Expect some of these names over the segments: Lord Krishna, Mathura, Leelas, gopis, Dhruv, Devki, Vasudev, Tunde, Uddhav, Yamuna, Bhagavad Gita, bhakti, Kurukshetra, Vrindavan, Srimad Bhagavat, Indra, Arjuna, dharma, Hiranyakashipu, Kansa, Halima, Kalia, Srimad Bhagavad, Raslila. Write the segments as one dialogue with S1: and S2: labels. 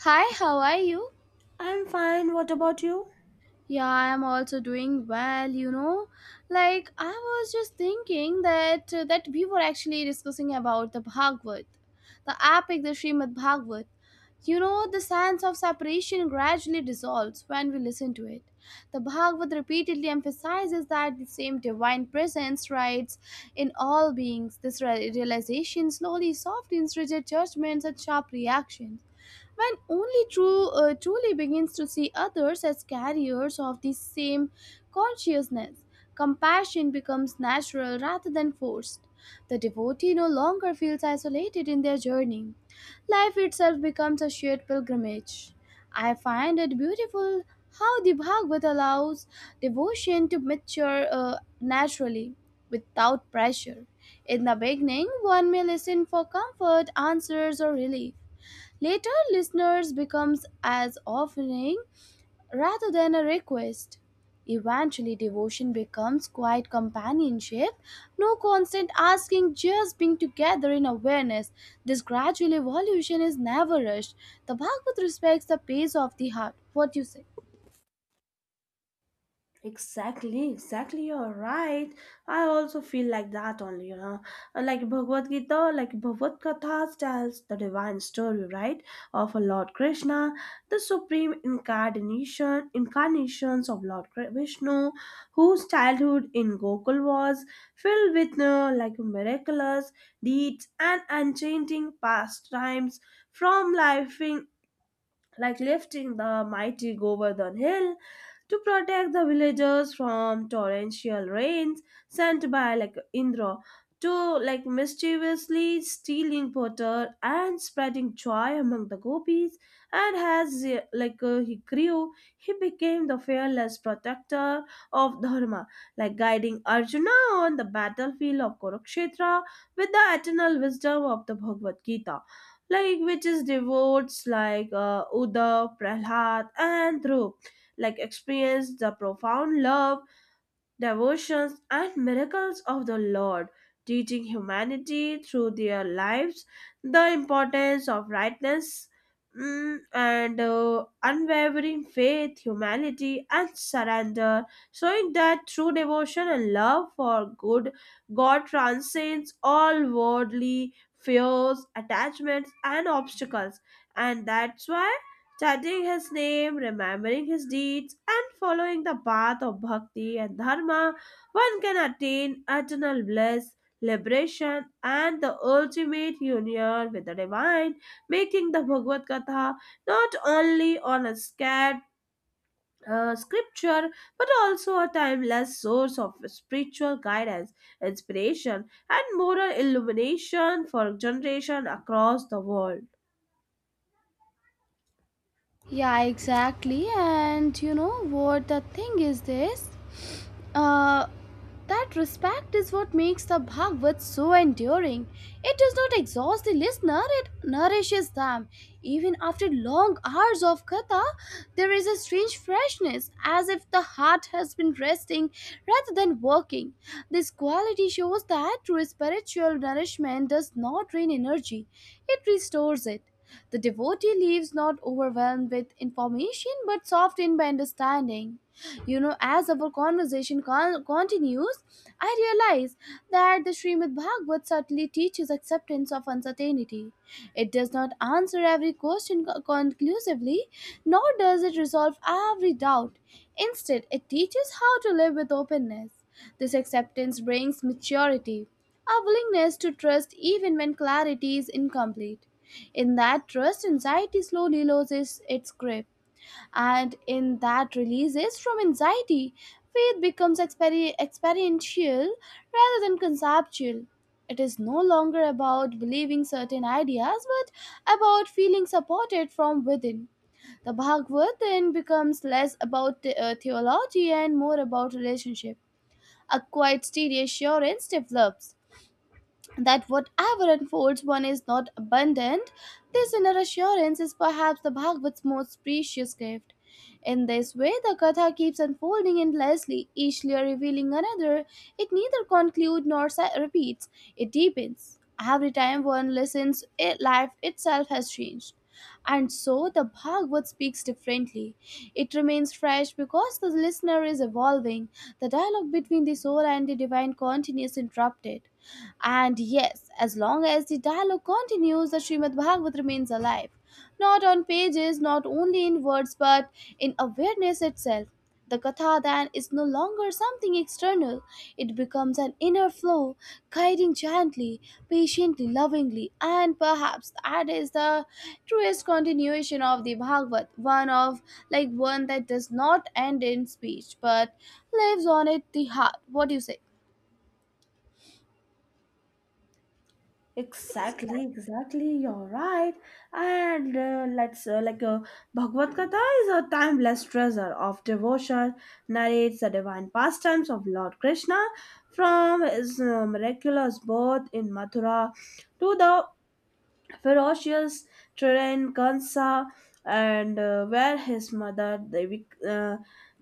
S1: Hi, how are you?
S2: I'm fine. What about you?
S1: Yeah, I'm also doing well. I was just thinking that we were actually discussing about the Bhagavad, the epic the Srimad Bhagavad. The sense of separation gradually dissolves when we listen to it. The Bhagavad repeatedly emphasizes that the same divine presence rides in all beings. This realization slowly softens rigid judgments and sharp reactions. When only true truly begins to see others as carriers of the same consciousness, compassion becomes natural rather than forced. The devotee no longer feels isolated in their journey. Life itself becomes a shared pilgrimage. I find it beautiful how the Bhagavad allows devotion to mature naturally, without pressure. In the beginning, one may listen for comfort, answers, or relief. Later, listeners becomes as offering rather than a request. Eventually, devotion becomes quiet companionship, no constant asking, just being together in awareness. This gradual evolution is never rushed. The Bhagavad respects the pace of the heart. What do you say?
S2: Exactly, exactly. You're right. I also feel like that only. Like Bhagavad Gita, like Bhagavad Katha tells the divine story, right, of Lord Krishna, the supreme incarnations of Lord Vishnu, whose childhood in Gokul was filled with like miraculous deeds and enchanting pastimes from lifing like lifting the mighty Govardhan hill to protect the villagers from torrential rains sent by like Indra to like mischievously stealing butter and spreading joy among the gopis. And as like he grew, he became the fearless protector of dharma, like guiding Arjuna on the battlefield of Kurukshetra with the eternal wisdom of the Bhagavad Gita, like which is devotes like Uddhav, Prahlad, and Dhruv like experienced the profound love, devotions, and miracles of the Lord, teaching humanity through their lives the importance of rightness and unwavering faith, humility, and surrender, showing that true devotion and love for good God transcends all worldly fears, attachments, and obstacles. And that's why chanting his name, remembering his deeds, and following the path of bhakti and dharma, one can attain eternal bliss, liberation, and the ultimate union with the divine, making the Bhagavad Gita not only on a scared scripture but also a timeless source of spiritual guidance, inspiration, and moral illumination for generation across the world.
S1: Yeah, exactly. And you know what the thing is this? Uh, that respect is what makes the Bhagavad so enduring. It does not exhaust the listener, it nourishes them. Even after long hours of katha, there is a strange freshness, as if the heart has been resting rather than working. This quality shows that true spiritual nourishment does not drain energy, it restores it. The devotee leaves not overwhelmed with information but softened by understanding. As our conversation continues, I realize that the Srimad Bhagavat subtly teaches acceptance of uncertainty. It does not answer every question conclusively, nor does it resolve every doubt. Instead, it teaches how to live with openness. This acceptance brings maturity, a willingness to trust even when clarity is incomplete. In that trust, anxiety slowly loses its grip and in that releases from anxiety. Faith becomes experiential rather than conceptual. It is no longer about believing certain ideas but about feeling supported from within. The Bhagavad then becomes less about theology and more about relationship. A quiet, steady assurance develops that whatever unfolds one is not abandoned. This inner assurance is perhaps the Bhagavat's most precious gift. In this way, the Katha keeps unfolding endlessly, each layer revealing another. It neither concludes nor repeats, it deepens. Every time one listens, it, life itself has changed. And so the Bhagavad speaks differently. It remains fresh because the listener is evolving. The dialogue between the soul and the divine continues interrupted. And yes, as long as the dialogue continues, the Srimad Bhagavat remains alive. Not on pages, not only in words, but in awareness itself. The Katha then is no longer something external, it becomes an inner flow, guiding gently, patiently, lovingly, and perhaps that is the truest continuation of the Bhagavat, one of like one that does not end in speech but lives on it the heart. What do you say?
S2: Exactly, exactly. You're right. And let's like Bhagavad Gita is a timeless treasure of devotion. Narrates the divine pastimes of Lord Krishna from his miraculous birth in Mathura to the ferocious Teren Kansa, and where his mother Devi, uh,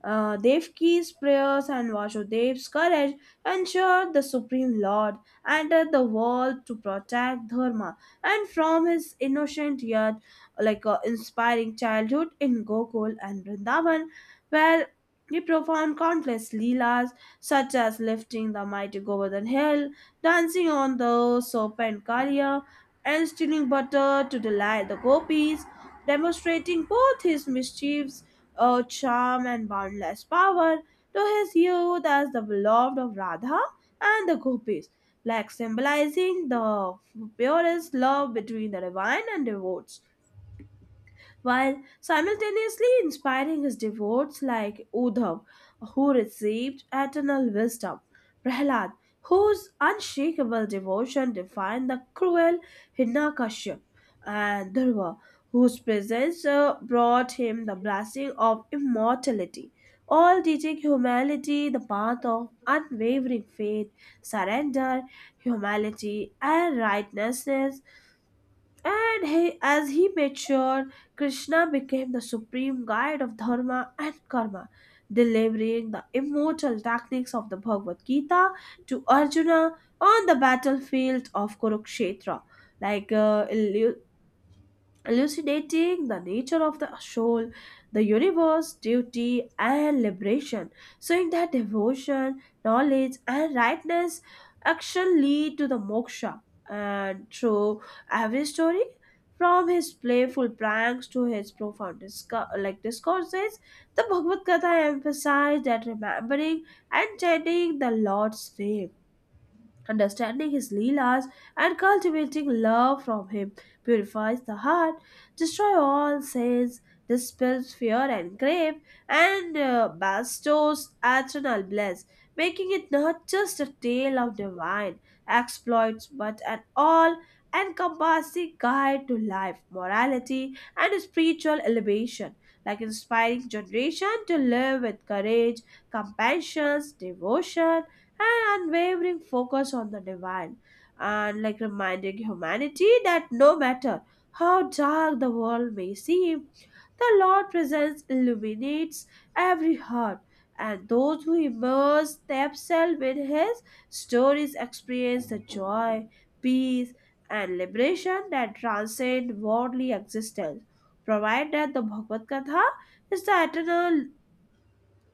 S2: uh, Devki's prayers and Vasudev's courage ensured the Supreme Lord entered the world to protect Dharma, and from his innocent yet like inspiring childhood in Gokul and Vrindavan, where he performed countless leelas such as lifting the mighty Govardhan hill, dancing on the serpent Kalia, and stealing butter to delight the gopis, demonstrating both his mischievous charm and boundless power, to his youth as the beloved of Radha and the gopis, like symbolizing the purest love between the divine and devotees, while simultaneously inspiring his devotees like Udhav, who received eternal wisdom, Prahlad, whose unshakable devotion defied the cruel Hiranyakashipu, and Dhruva, whose presence brought him the blessing of immortality. All teaching humanity the path of unwavering faith, surrender, humility, and righteousness. And he, as he matured, Krishna became the supreme guide of dharma and karma, delivering the immortal techniques of the Bhagavad Gita to Arjuna on the battlefield of Kurukshetra. Like elucidating the nature of the soul, the universe, duty, and liberation, showing that devotion, knowledge, and rightness action lead to the moksha. And through every story, from his playful pranks to his profound discourses, the Bhagavad Gita emphasized that remembering and chanting the Lord's name, understanding his Leelas and cultivating love from him purifies the heart, destroys all sins, dispels fear and grave, and bestows eternal bliss, making it not just a tale of divine exploits but an all encompassing guide to life, morality, and spiritual elevation, like inspiring generation to live with courage, compassion, devotion, an unwavering focus on the divine, and like reminding humanity that no matter how dark the world may seem, the Lord presence illuminates every heart, and those who immerse themselves in His stories experience the joy, peace, and liberation that transcend worldly existence. Provided the Bhagavad Gita is the eternal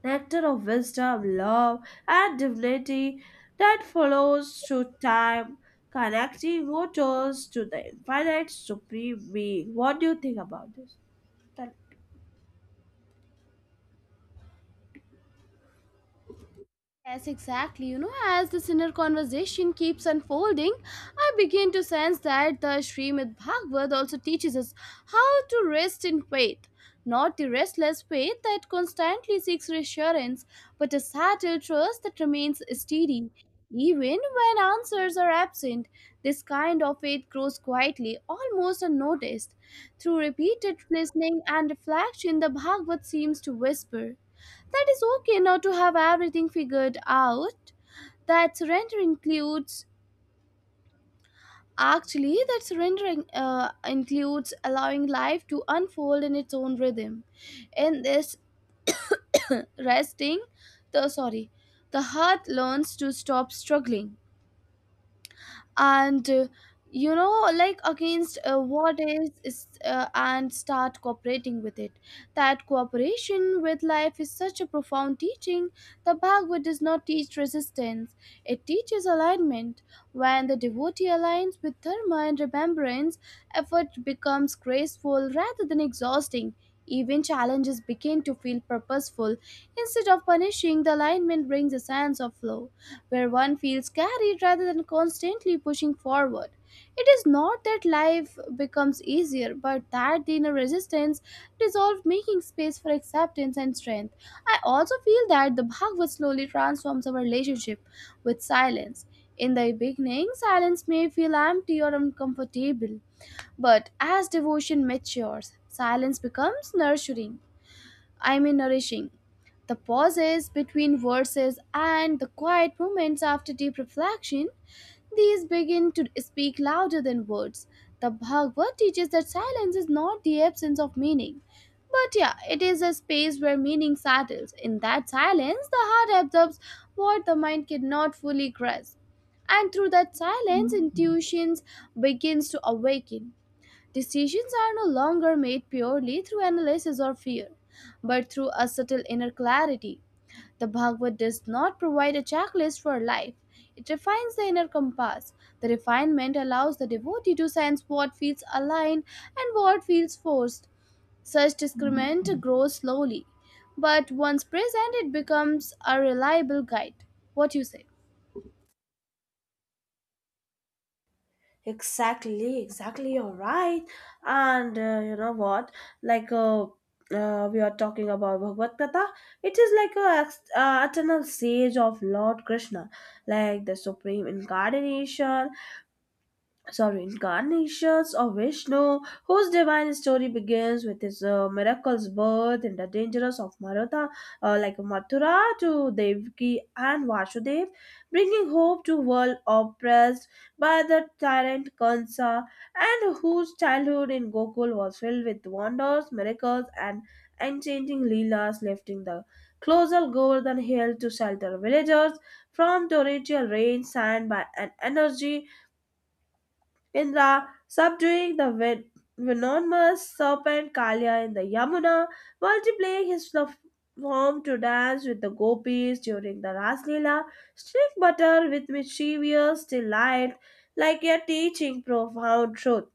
S2: nectar of wisdom, love, and divinity that flows through time, connecting mortals to the infinite supreme being. What do you think about this? Tell-
S1: Yes, exactly. As this inner conversation keeps unfolding, I begin to sense that the Srimad Bhagavad also teaches us how to rest in faith. Not the restless faith that constantly seeks reassurance, but a subtle trust that remains steady. Even when answers are absent, this kind of faith grows quietly, almost unnoticed. Through repeated listening and reflection, the Bhagavad seems to whisper. That is okay not to have everything figured out. That surrendering includes allowing life to unfold in its own rhythm. In this resting, the sorry, the heart learns to stop struggling. And you know like against what is and start cooperating with it, that cooperation with life is such a profound teaching. The Bhagavad does not teach resistance, it teaches alignment. When the devotee aligns with dharma and remembrance, effort becomes graceful rather than exhausting. Even challenges begin to feel purposeful instead of punishing. The alignment brings a sense of flow where one feels carried rather than constantly pushing forward. It is not that life becomes easier, but that the inner resistance dissolves, making space for acceptance and strength. I also feel that the Bhagavad slowly transforms our relationship with silence. In the beginning, silence may feel empty or uncomfortable, but as devotion matures, silence becomes nurturing. I mean nourishing. The pauses between verses and the quiet moments after deep reflection, these begin to speak louder than words. The Bhagavad teaches that silence is not the absence of meaning. But yeah, it is a space where meaning settles. In that silence, the heart absorbs what the mind cannot fully grasp. And through that silence, intuitions begins to awaken. Decisions are no longer made purely through analysis or fear, but through a subtle inner clarity. The Bhagavad does not provide a checklist for life. It refines the inner compass. The refinement allows the devotee to sense what feels aligned and what feels forced. Such discernment grows slowly, but once present, it becomes a reliable guide. What you say?
S2: Exactly, exactly, you're right. And you know what? Like, we are talking about Bhagavad Gita. It is like a eternal sage of Lord Krishna, like the supreme incarnations of Vishnu, whose divine story begins with his miraculous birth in the dangers of maratha like Mathura, to Devki and Vasudev, bringing hope to world oppressed by the tyrant Kansa, and whose childhood in Gokul was filled with wonders, miracles, and enchanting leelas, lifting the colossal golden hill to shelter villagers from torrential rain signed by an energy Indra, subduing the venomous serpent Kalya in the Yamuna, multiplying his form to dance with the gopis during the Raslila, strict butter with mischievous delight, like you're teaching profound truth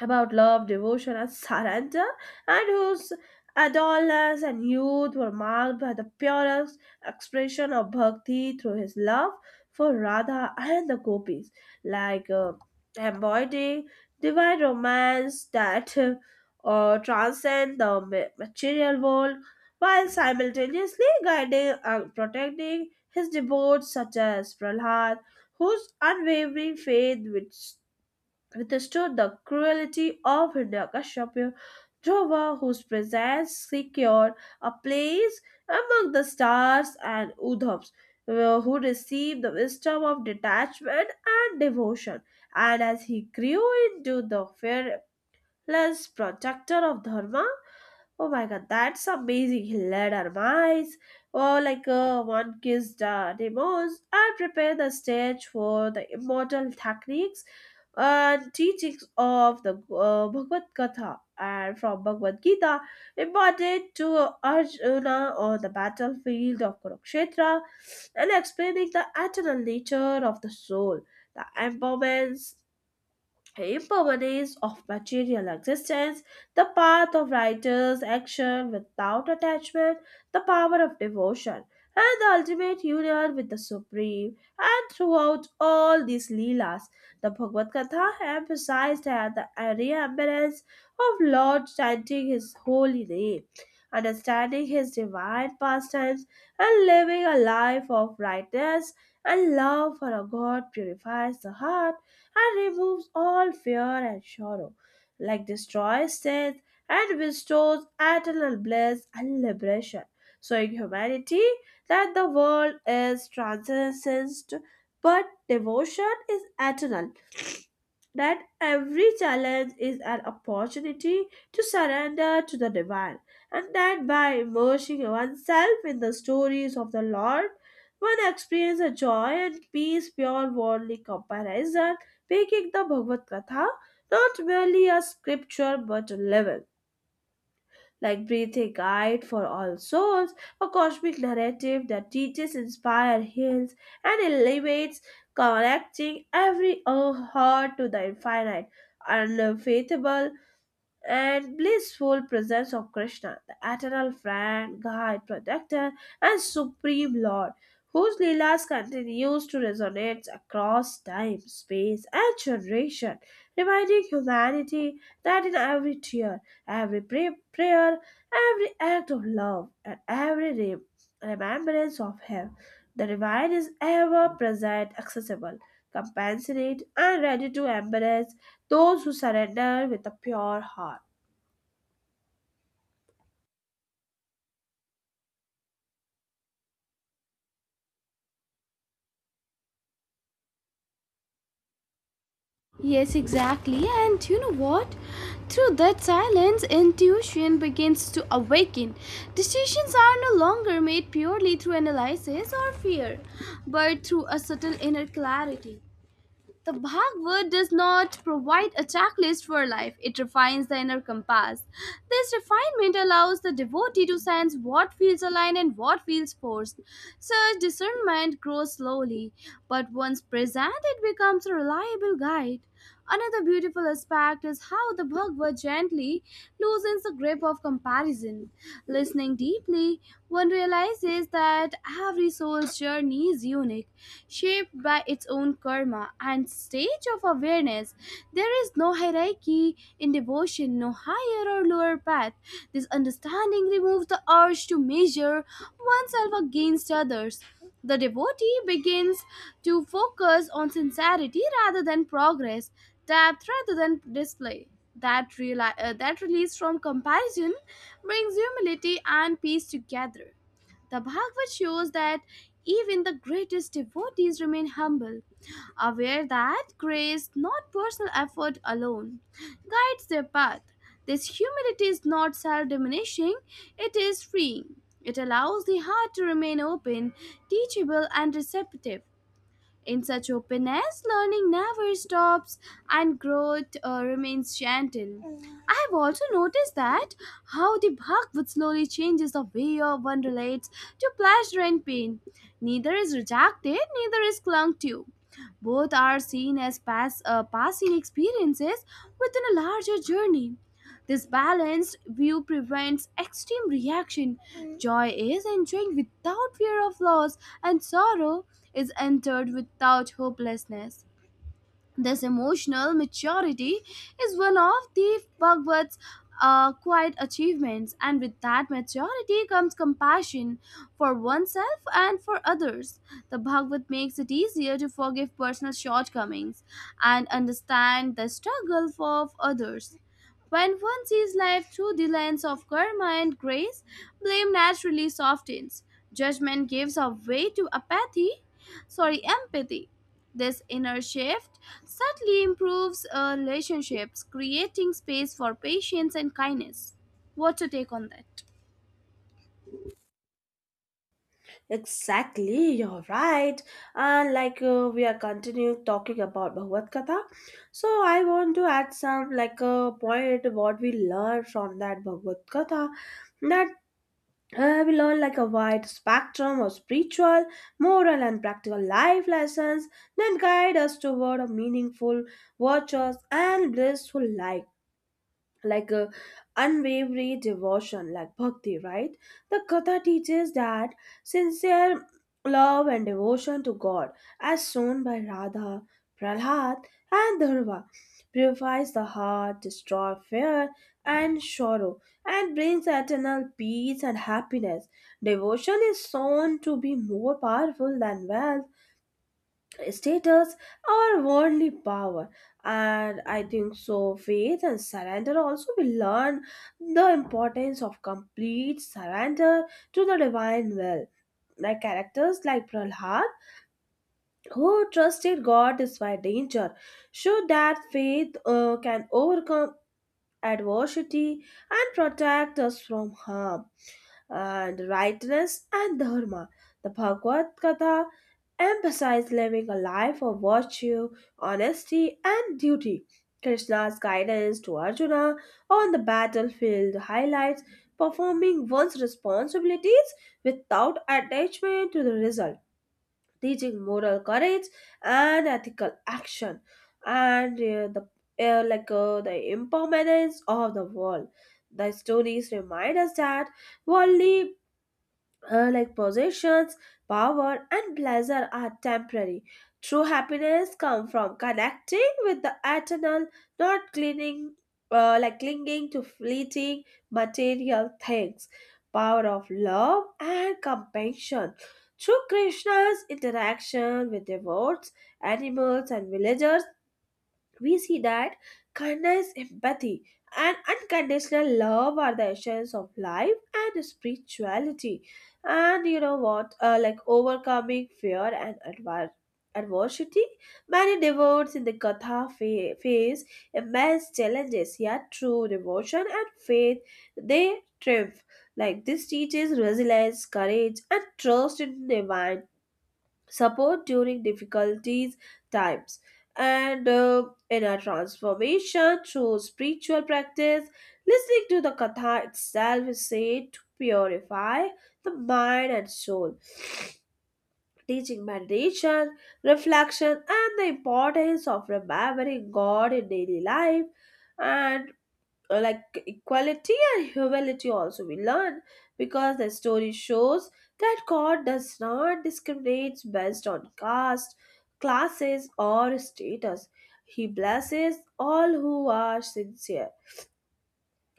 S2: about love, devotion, and surrender, and whose adolescence and youth were marked by the purest expression of bhakti through his love for Radha and the gopis, like embodying divine romance that transcend the material world, while simultaneously guiding and protecting his devotees such as Prahlad, whose unwavering faith which withstood the cruelty of Hiranyakashipu; Dhruva, whose presence secured a place among the stars; and Udhavs, who received the wisdom of detachment and devotion. And as he grew into the fearless protector of Dharma, oh my god, that's amazing. He led our mice, or like one kissed demos, and prepared the stage for the immortal techniques and teachings of the Bhagavad Gita. And from Bhagavad Gita, imparted to Arjuna on the battlefield of Kurukshetra, and explaining the eternal nature of the soul, the impermanence of material existence, the path of righteous action without attachment, the power of devotion, and the ultimate union with the Supreme. And throughout all these Leelas, the Bhagavad Gita emphasized at the remembrance of Lord, chanting His holy name, understanding His divine pastimes, and living a life of rightness and love for a God purifies the heart and removes all fear and sorrow, like destroys death and bestows eternal bliss and liberation, showing humanity that the world is transcendent but devotion is eternal, that every challenge is an opportunity to surrender to the divine, and that by immersing oneself in the stories of the Lord, one experiences a joy and peace beyond worldly comparison, making the Bhagavad Gita not merely a scripture but a living, like breathe, a guide for all souls, a cosmic narrative that teaches, inspires, heals, and elevates, connecting every heart to the infinite, unfathomable, and blissful presence of Krishna, the eternal friend, guide, protector, and supreme lord, whose Leelas continues to resonate across time, space, and generation, reminding humanity that in every tear, every prayer, every act of love, and every remembrance of Him, the divide is ever present, accessible, compassionate, and ready to embrace those who surrender with a pure heart.
S1: Yes, exactly. And you know what? Through that silence, intuition begins to awaken. Decisions are no longer made purely through analysis or fear, but through a subtle inner clarity. The Bhagavad does not provide a checklist for life, it refines the inner compass. This refinement allows the devotee to sense what feels aligned and what feels forced. Such discernment grows slowly, but once present, it becomes a reliable guide. Another beautiful aspect is how the Bhagavad gently loosens the grip of comparison. Listening deeply, one realizes that every soul's journey is unique, shaped by its own karma and stage of awareness. There is no hierarchy in devotion, no higher or lower path. This understanding removes the urge to measure oneself against others. The devotee begins to focus on sincerity rather than progress, depth rather than display. That release from comparison brings humility and peace together. The Bhagavad shows that even the greatest devotees remain humble, aware that grace, not personal effort alone, guides their path. This humility is not self diminishing, it is freeing. It allows the heart to remain open, teachable, and receptive. In such openness, learning never stops and growth remains gentle. I have also noticed that how the Bhagavad slowly changes the way of one relates to pleasure and pain. Neither is rejected, neither is clung to. Both are seen as passing experiences within a larger journey. This balanced view prevents extreme reaction. Joy is enjoying without fear of loss, and sorrow is entered without hopelessness. This emotional maturity is one of the Bhagavad's quiet achievements, and with that maturity comes compassion for oneself and for others. The Bhagavad makes it easier to forgive personal shortcomings and understand the struggle of others. When one sees life through the lens of karma and grace, blame naturally softens. Judgment gives a way to apathy, sorry, empathy. This inner shift subtly improves relationships, creating space for patience and kindness. What's your take on that?
S2: Exactly, you're right. And like we are continuing talking about Bhagavad Gita, so I want to add some like a point what we learn from that Bhagavad Gita. That We learn like a wide spectrum of spiritual, moral, and practical life lessons that guide us toward a meaningful, virtuous, and blissful life, like a unwavering devotion, like bhakti, right? The Katha teaches that sincere love and devotion to God, as shown by Radha, Prahlad, and Dharva, purifies the heart, destroys fear and sorrow, and brings eternal peace and happiness. Devotion is shown to be more powerful than wealth, status, or worldly power. And I think so, faith and surrender also we learn, the importance of complete surrender to the divine will. Like characters like Prahlad, who trusted God despite danger, showed that faith can overcome adversity and protect us from harm, and rightness and dharma. The Bhagavad Gita emphasizes living a life of virtue, honesty, and duty. Krishna's guidance to Arjuna on the battlefield highlights performing one's responsibilities without attachment to the result, teaching moral courage and ethical action. And the impermanence of the world. The stories remind us that worldly like possessions, power, and pleasure are temporary. True happiness comes from connecting with the eternal, not clinging to fleeting material things. Power of love and compassion. Through Krishna's interaction with devotes, animals, and villagers, we see that kindness, empathy, and unconditional love are the essence of life and spirituality. And you know what? Like overcoming fear and adversity, many devotees in the Katha face immense challenges, yet through devotion and faith, they triumph. Like this teaches resilience, courage, and trust in divine support during difficulties times. And inner transformation through spiritual practice, listening to the katha itself is said to purify the mind and soul, teaching meditation, reflection, and the importance of remembering God in daily life. And like equality and humility also we learn, because the story shows that God does not discriminate based on caste, classes, or status. He blesses all who are sincere,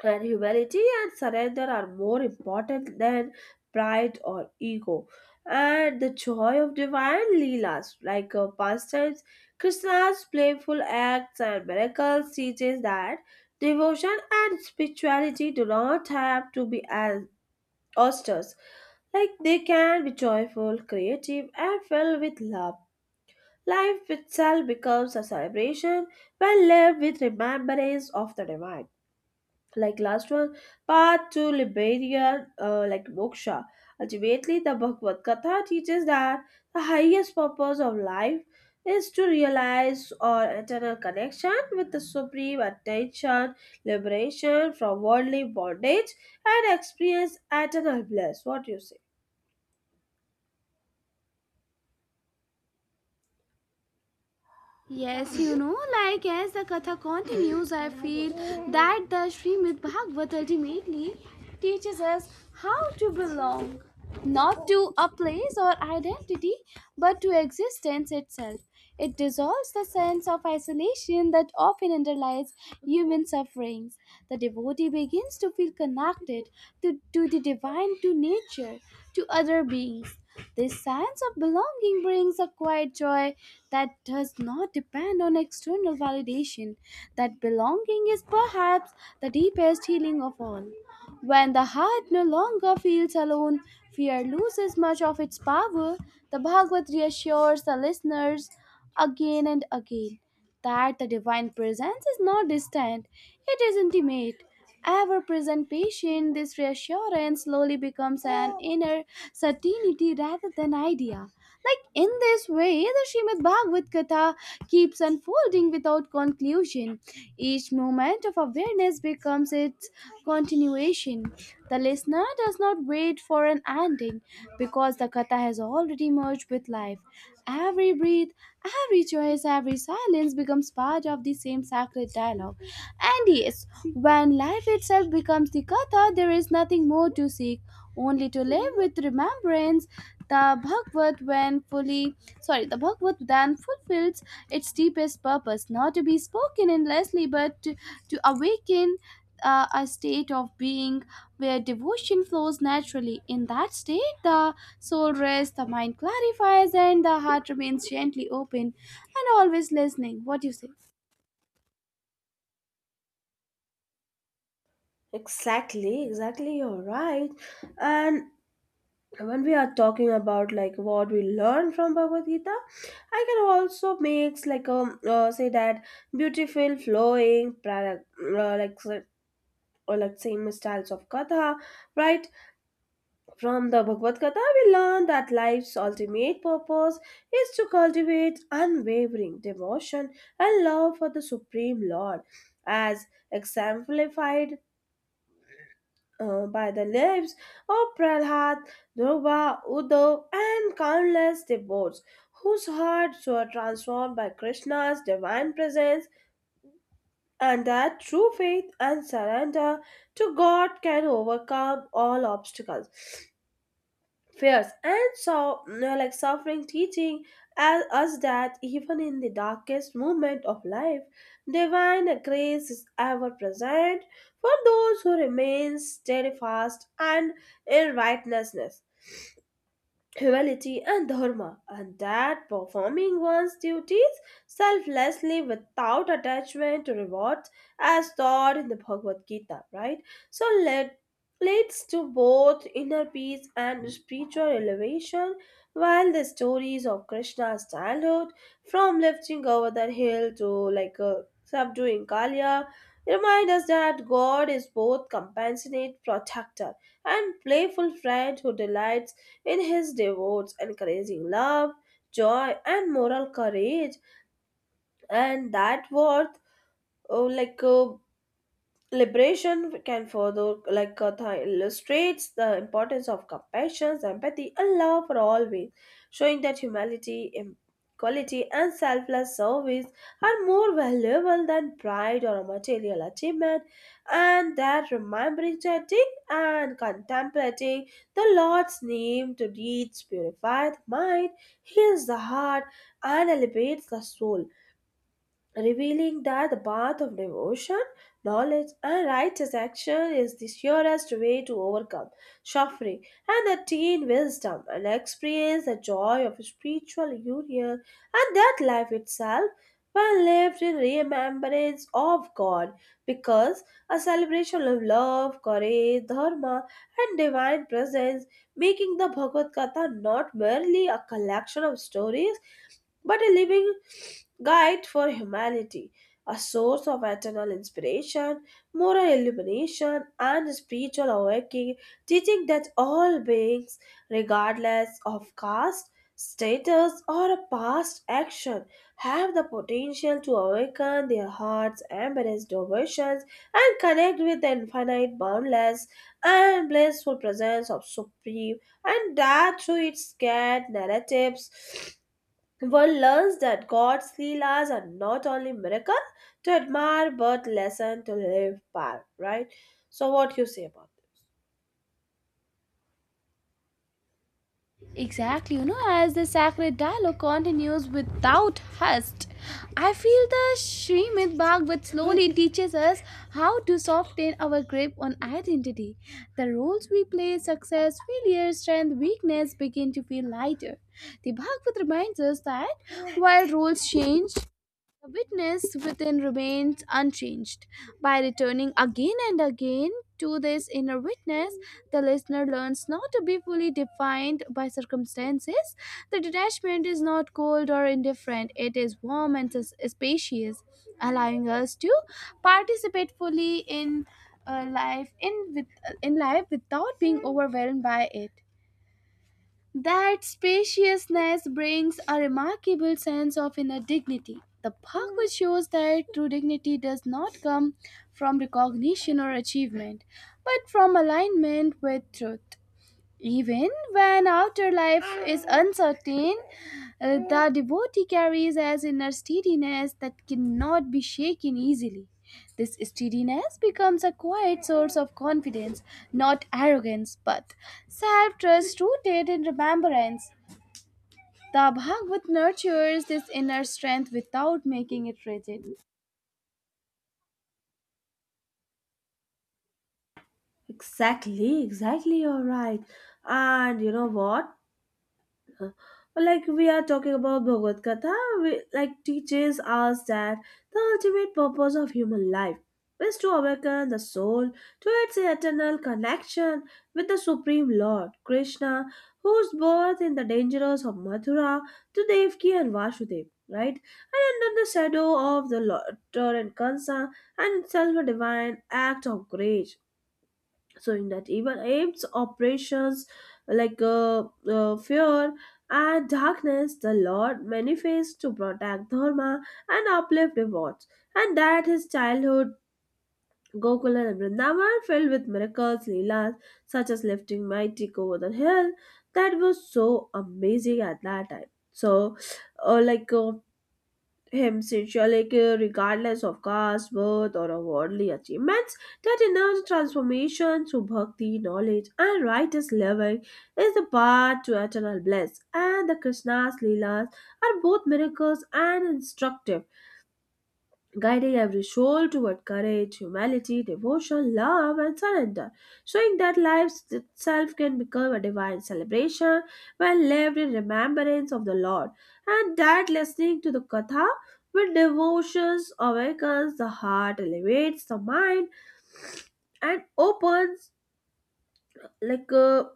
S2: and humility and surrender are more important than pride or ego. And the joy of divine leelas, like pastimes, Krishna's playful acts and miracles teaches that devotion and spirituality do not have to be as austere. Like they can be joyful, creative, and filled with love. Life itself becomes a celebration when lived with remembrance of the divine. Like last one, path to liberia like moksha. Ultimately the Bhagavad Gita teaches that the highest purpose of life is to realize our eternal connection with the supreme attention, liberation from worldly bondage, and experience eternal bliss. What do you say?
S1: Yes, you know, like as the Katha continues, I feel that the Srimad Bhagavat ultimately teaches us how to belong, not to a place or identity, but to existence itself. It dissolves the sense of isolation that often underlies human sufferings. The devotee begins to feel connected to the divine, to nature, to other beings. This sense of belonging brings a quiet joy that does not depend on external validation. That belonging is perhaps the deepest healing of all. When the heart no longer feels alone, fear loses much of its power. The Bhagavad reassures the listeners again and again that the divine presence is not distant, it is intimate ever present patient, this reassurance slowly becomes an inner certainty rather than idea. Like in this way, the Srimad Bhagavad Gita keeps unfolding without conclusion. Each moment of awareness becomes its continuation. The listener does not wait for an ending because the Katha has already merged with life. Every breath, every choice, every silence becomes part of the same sacred dialogue. And yes, when life itself becomes the katha, there is nothing more to seek, only to live with remembrance. The Bhagavad, when fully, sorry, the Bhagavad then fulfills its deepest purpose, not to be spoken endlessly, but to awaken a state of being where devotion flows naturally. In that state, the soul rests, the mind clarifies, and the heart remains gently open and always listening. What do you say?
S2: Exactly, exactly, you're right. And when we are talking about like what we learn from Bhagavad Gita, I can also makes like say that beautiful flowing product, like or like same styles of Katha, right? From the Bhagavad Gita, we learn that life's ultimate purpose is to cultivate unwavering devotion and love for the supreme lord, as exemplified by the lips of Prahlad, Dhruva, Uddhav, and countless devotees whose hearts were transformed by Krishna's divine presence, and that true faith and surrender to God can overcome all obstacles, fears, and so, you know, like suffering, teaching as, us that even in the darkest moment of life divine grace is ever present for those who remain steadfast and in righteousness, humanity, and dharma, and that performing one's duties selflessly without attachment to rewards as taught in the Bhagavad Gita, right? So let leads to both inner peace and spiritual elevation, while the stories of Krishna's childhood from lifting over the hill to like uh, subduing kalya remind us that God is both compassionate protector and playful friend who delights in his devotes, encouraging love, joy, and moral courage, and that worth, oh, liberation can further, like Katha illustrates, the importance of compassion, empathy, and love for all beings, showing that humanity, equality, and selfless service are more valuable than pride or material achievement, and that remembering, chanting, and contemplating the Lord's name to reach purified mind, heals the heart, and elevates the soul, revealing that the path of devotion, knowledge, and righteous action is the surest way to overcome suffering and attain wisdom and experience the joy of spiritual union, and that life itself when lived in remembrance of God because a celebration of love, courage, dharma, and divine presence, making the Bhagavad Gita not merely a collection of stories but a living guide for humanity, a source of eternal inspiration, moral illumination, and spiritual awakening, teaching that all beings, regardless of caste, status, or past action, have the potential to awaken their hearts, embrace devotions, and connect with the infinite, boundless, and blissful presence of Supreme, and that through its scared narratives one learns that God's Leelas are not only miracle to admire but lesson to live by, right? So what you say about it?
S1: Exactly, you know, as the sacred dialogue continues without haste, I feel the Srimad Bhagavat slowly teaches us how to soften our grip on identity. The roles we play, success, failure, strength, weakness begin to feel lighter. The Bhagavat reminds us that while roles change, the witness within remains unchanged. By returning again and again to this inner witness, the listener learns not to be fully defined by circumstances. The detachment is not cold or indifferent, it is warm and spacious, allowing us to participate fully in uh, life in, with, life without being overwhelmed by it. That spaciousness brings a remarkable sense of inner dignity. The parkway shows that true dignity does not come from recognition or achievement, but from alignment with truth. Even when afterlife is uncertain, the devotee carries as inner steadiness that cannot be shaken easily. This steadiness becomes a quiet source of confidence, not arrogance, but self trust rooted in remembrance. The Bhagavad nurtures this inner strength without making it rigid.
S2: Exactly, exactly, you're right. And you know what? Like we are talking about Bhagavad Gita, we, like teaches us that the ultimate purpose of human life is to awaken the soul to its eternal connection with the Supreme Lord Krishna, whose birth in the dangers of Mathura to Devki and Vasudev, right? And under the shadow of the laughter and concern and self a divine act of grace, so in that evil apes operations like uh, fear and darkness the lord manifests to protect dharma and uplift devotees, and that his childhood Gokula and Vrindavan filled with miracles, leelas, such as lifting mighty over the hill, that was so amazing at that time. So, uh, like, uh, him sincerely care regardless of caste, birth, or worldly achievements. That inner transformation through bhakti, knowledge, and righteous living is the path to eternal bliss. And the Krishna's Leelas are both miracles and instructive, guiding every soul toward courage, humility, devotion, love, and surrender, showing that life itself can become a divine celebration when lived in remembrance of the Lord, and that listening to the Katha with devotions awakens the heart, elevates the mind, and opens like a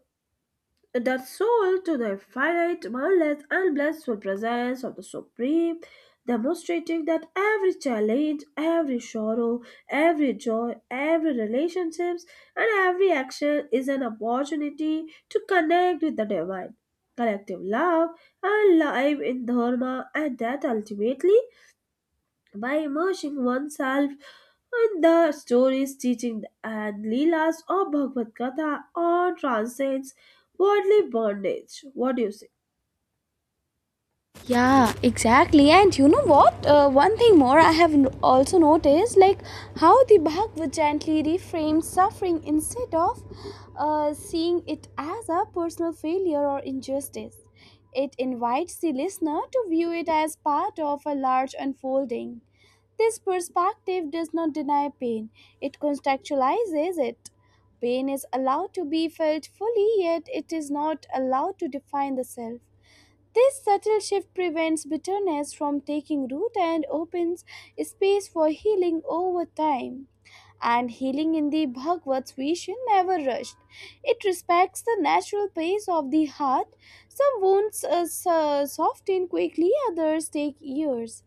S2: that soul to the finite, boundless, and blissful presence of the Supreme, demonstrating that every challenge, every sorrow, every joy, every relationships, and every action is an opportunity to connect with the divine. Collective love and life in Dharma, and that ultimately by immersing oneself in the stories teaching and Leelas of Bhagavad Gita or transcends worldly bondage. What do you say?
S1: Yeah, exactly. And you know what? One thing more I have also noticed like how the Bhagavad gently reframes suffering instead of seeing it as a personal failure or injustice. It invites the listener to view it as part of a large unfolding. This perspective does not deny pain, it contextualizes it. Pain is allowed to be felt fully, yet it is not allowed to define the self. This subtle shift prevents bitterness from taking root and opens space for healing over time. And healing in the Bhagavad's vision never rushed. It respects the natural pace of the heart. Some wounds soften quickly, others take years.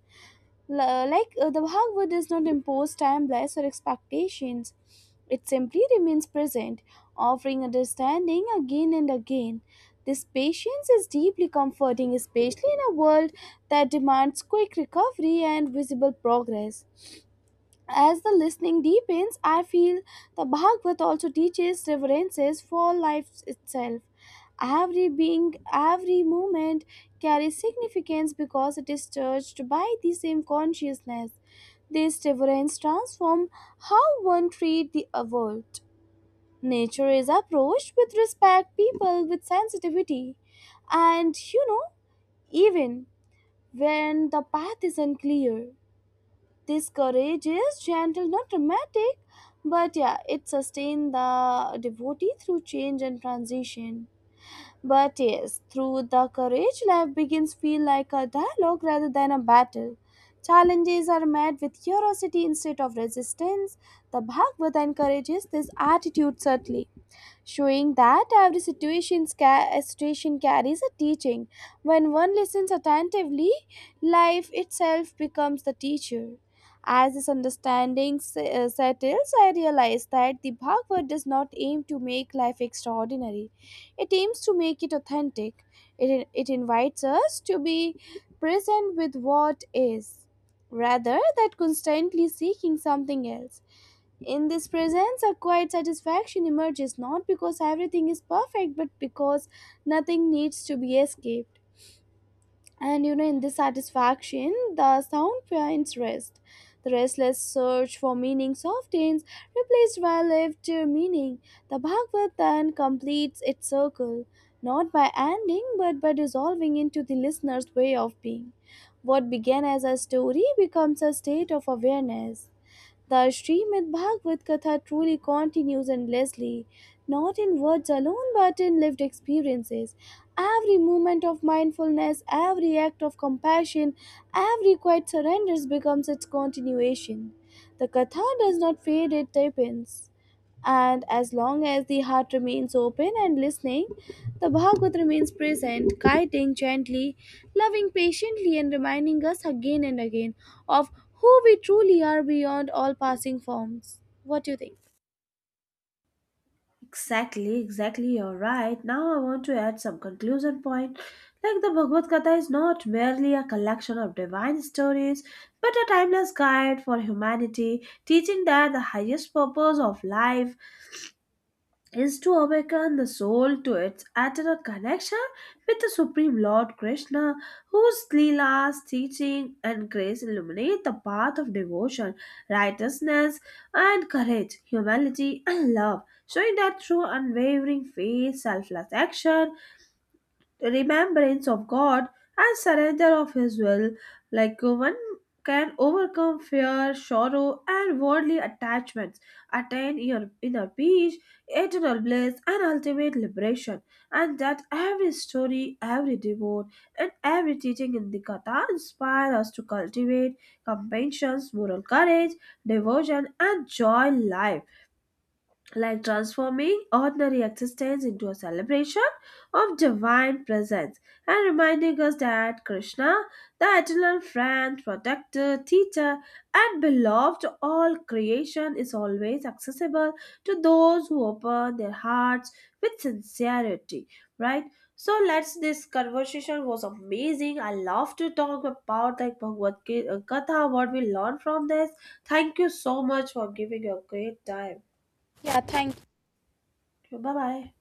S1: Like, the Bhagavad does not impose timelines or expectations. It simply remains present, offering understanding again and again. This patience is deeply comforting, especially in a world that demands quick recovery and visible progress. As the listening deepens, I feel the Bhagavad also teaches reverences for life itself. Every being, every moment carries significance because it is touched by the same consciousness. This reverence transforms how one treats the world. Nature is approached with respect, people with sensitivity, and you know, even when the path is unclear, this courage is gentle, not dramatic, but yeah, it sustains the devotee through change and transition. But yes, through the courage, life begins feel like a dialogue rather than a battle. Challenges are met with curiosity instead of resistance. The Bhagavad encourages this attitude subtly, showing that every situation, situation carries a teaching. When one listens attentively, life itself becomes the teacher. As this understanding settles, I realize that the Bhagavad does not aim to make life extraordinary. It aims to make it authentic. It invites us to be present with what is, rather than constantly seeking something else. In this presence, a quiet satisfaction emerges, not because everything is perfect, but because nothing needs to be escaped. And you know, in this satisfaction, the sound finds rest. The restless search for meaning softens, replaced by lived meaning. The Bhagavad then completes its circle, not by ending, but by dissolving into the listener's way of being. What began as a story becomes a state of awareness. The Srimad Bhagavat Katha truly continues endlessly, not in words alone but in lived experiences. Every moment of mindfulness, every act of compassion, every quiet surrender becomes its continuation. The Katha does not fade, it deepens, and as long as the heart remains open and listening, the Bhagavad remains present, guiding gently, loving patiently, and reminding us again and again of who we truly are beyond all passing forms. What do you think?
S2: Exactly, exactly, you're right. Now I want to add some conclusion point. Like the Bhagavad Gita is not merely a collection of divine stories, but a timeless guide for humanity, teaching that the highest purpose of life is to awaken the soul to its eternal connection with the Supreme Lord Krishna, whose Leelas, teaching, and grace illuminate the path of devotion, righteousness, and courage, humility, and love, showing that through unwavering faith, selfless action, remembrance of God, and surrender of His will. One can overcome fear, sorrow, and worldly attachments, attain your inner peace, eternal bliss, and ultimate liberation. And that every story, every devote, and every teaching in the Katha inspire us to cultivate compassion, moral courage, devotion, and joy in life, like transforming ordinary existence into a celebration of divine presence and reminding us that Krishna, the eternal friend, protector, teacher, and beloved to all creation, is always accessible to those who open their hearts with sincerity. Right? So let's this conversation was amazing. I love to talk about like Bhagavad Gita, what we learn from this. Thank you so much for giving your great time.
S1: Yeah, thank you.
S2: 拜拜。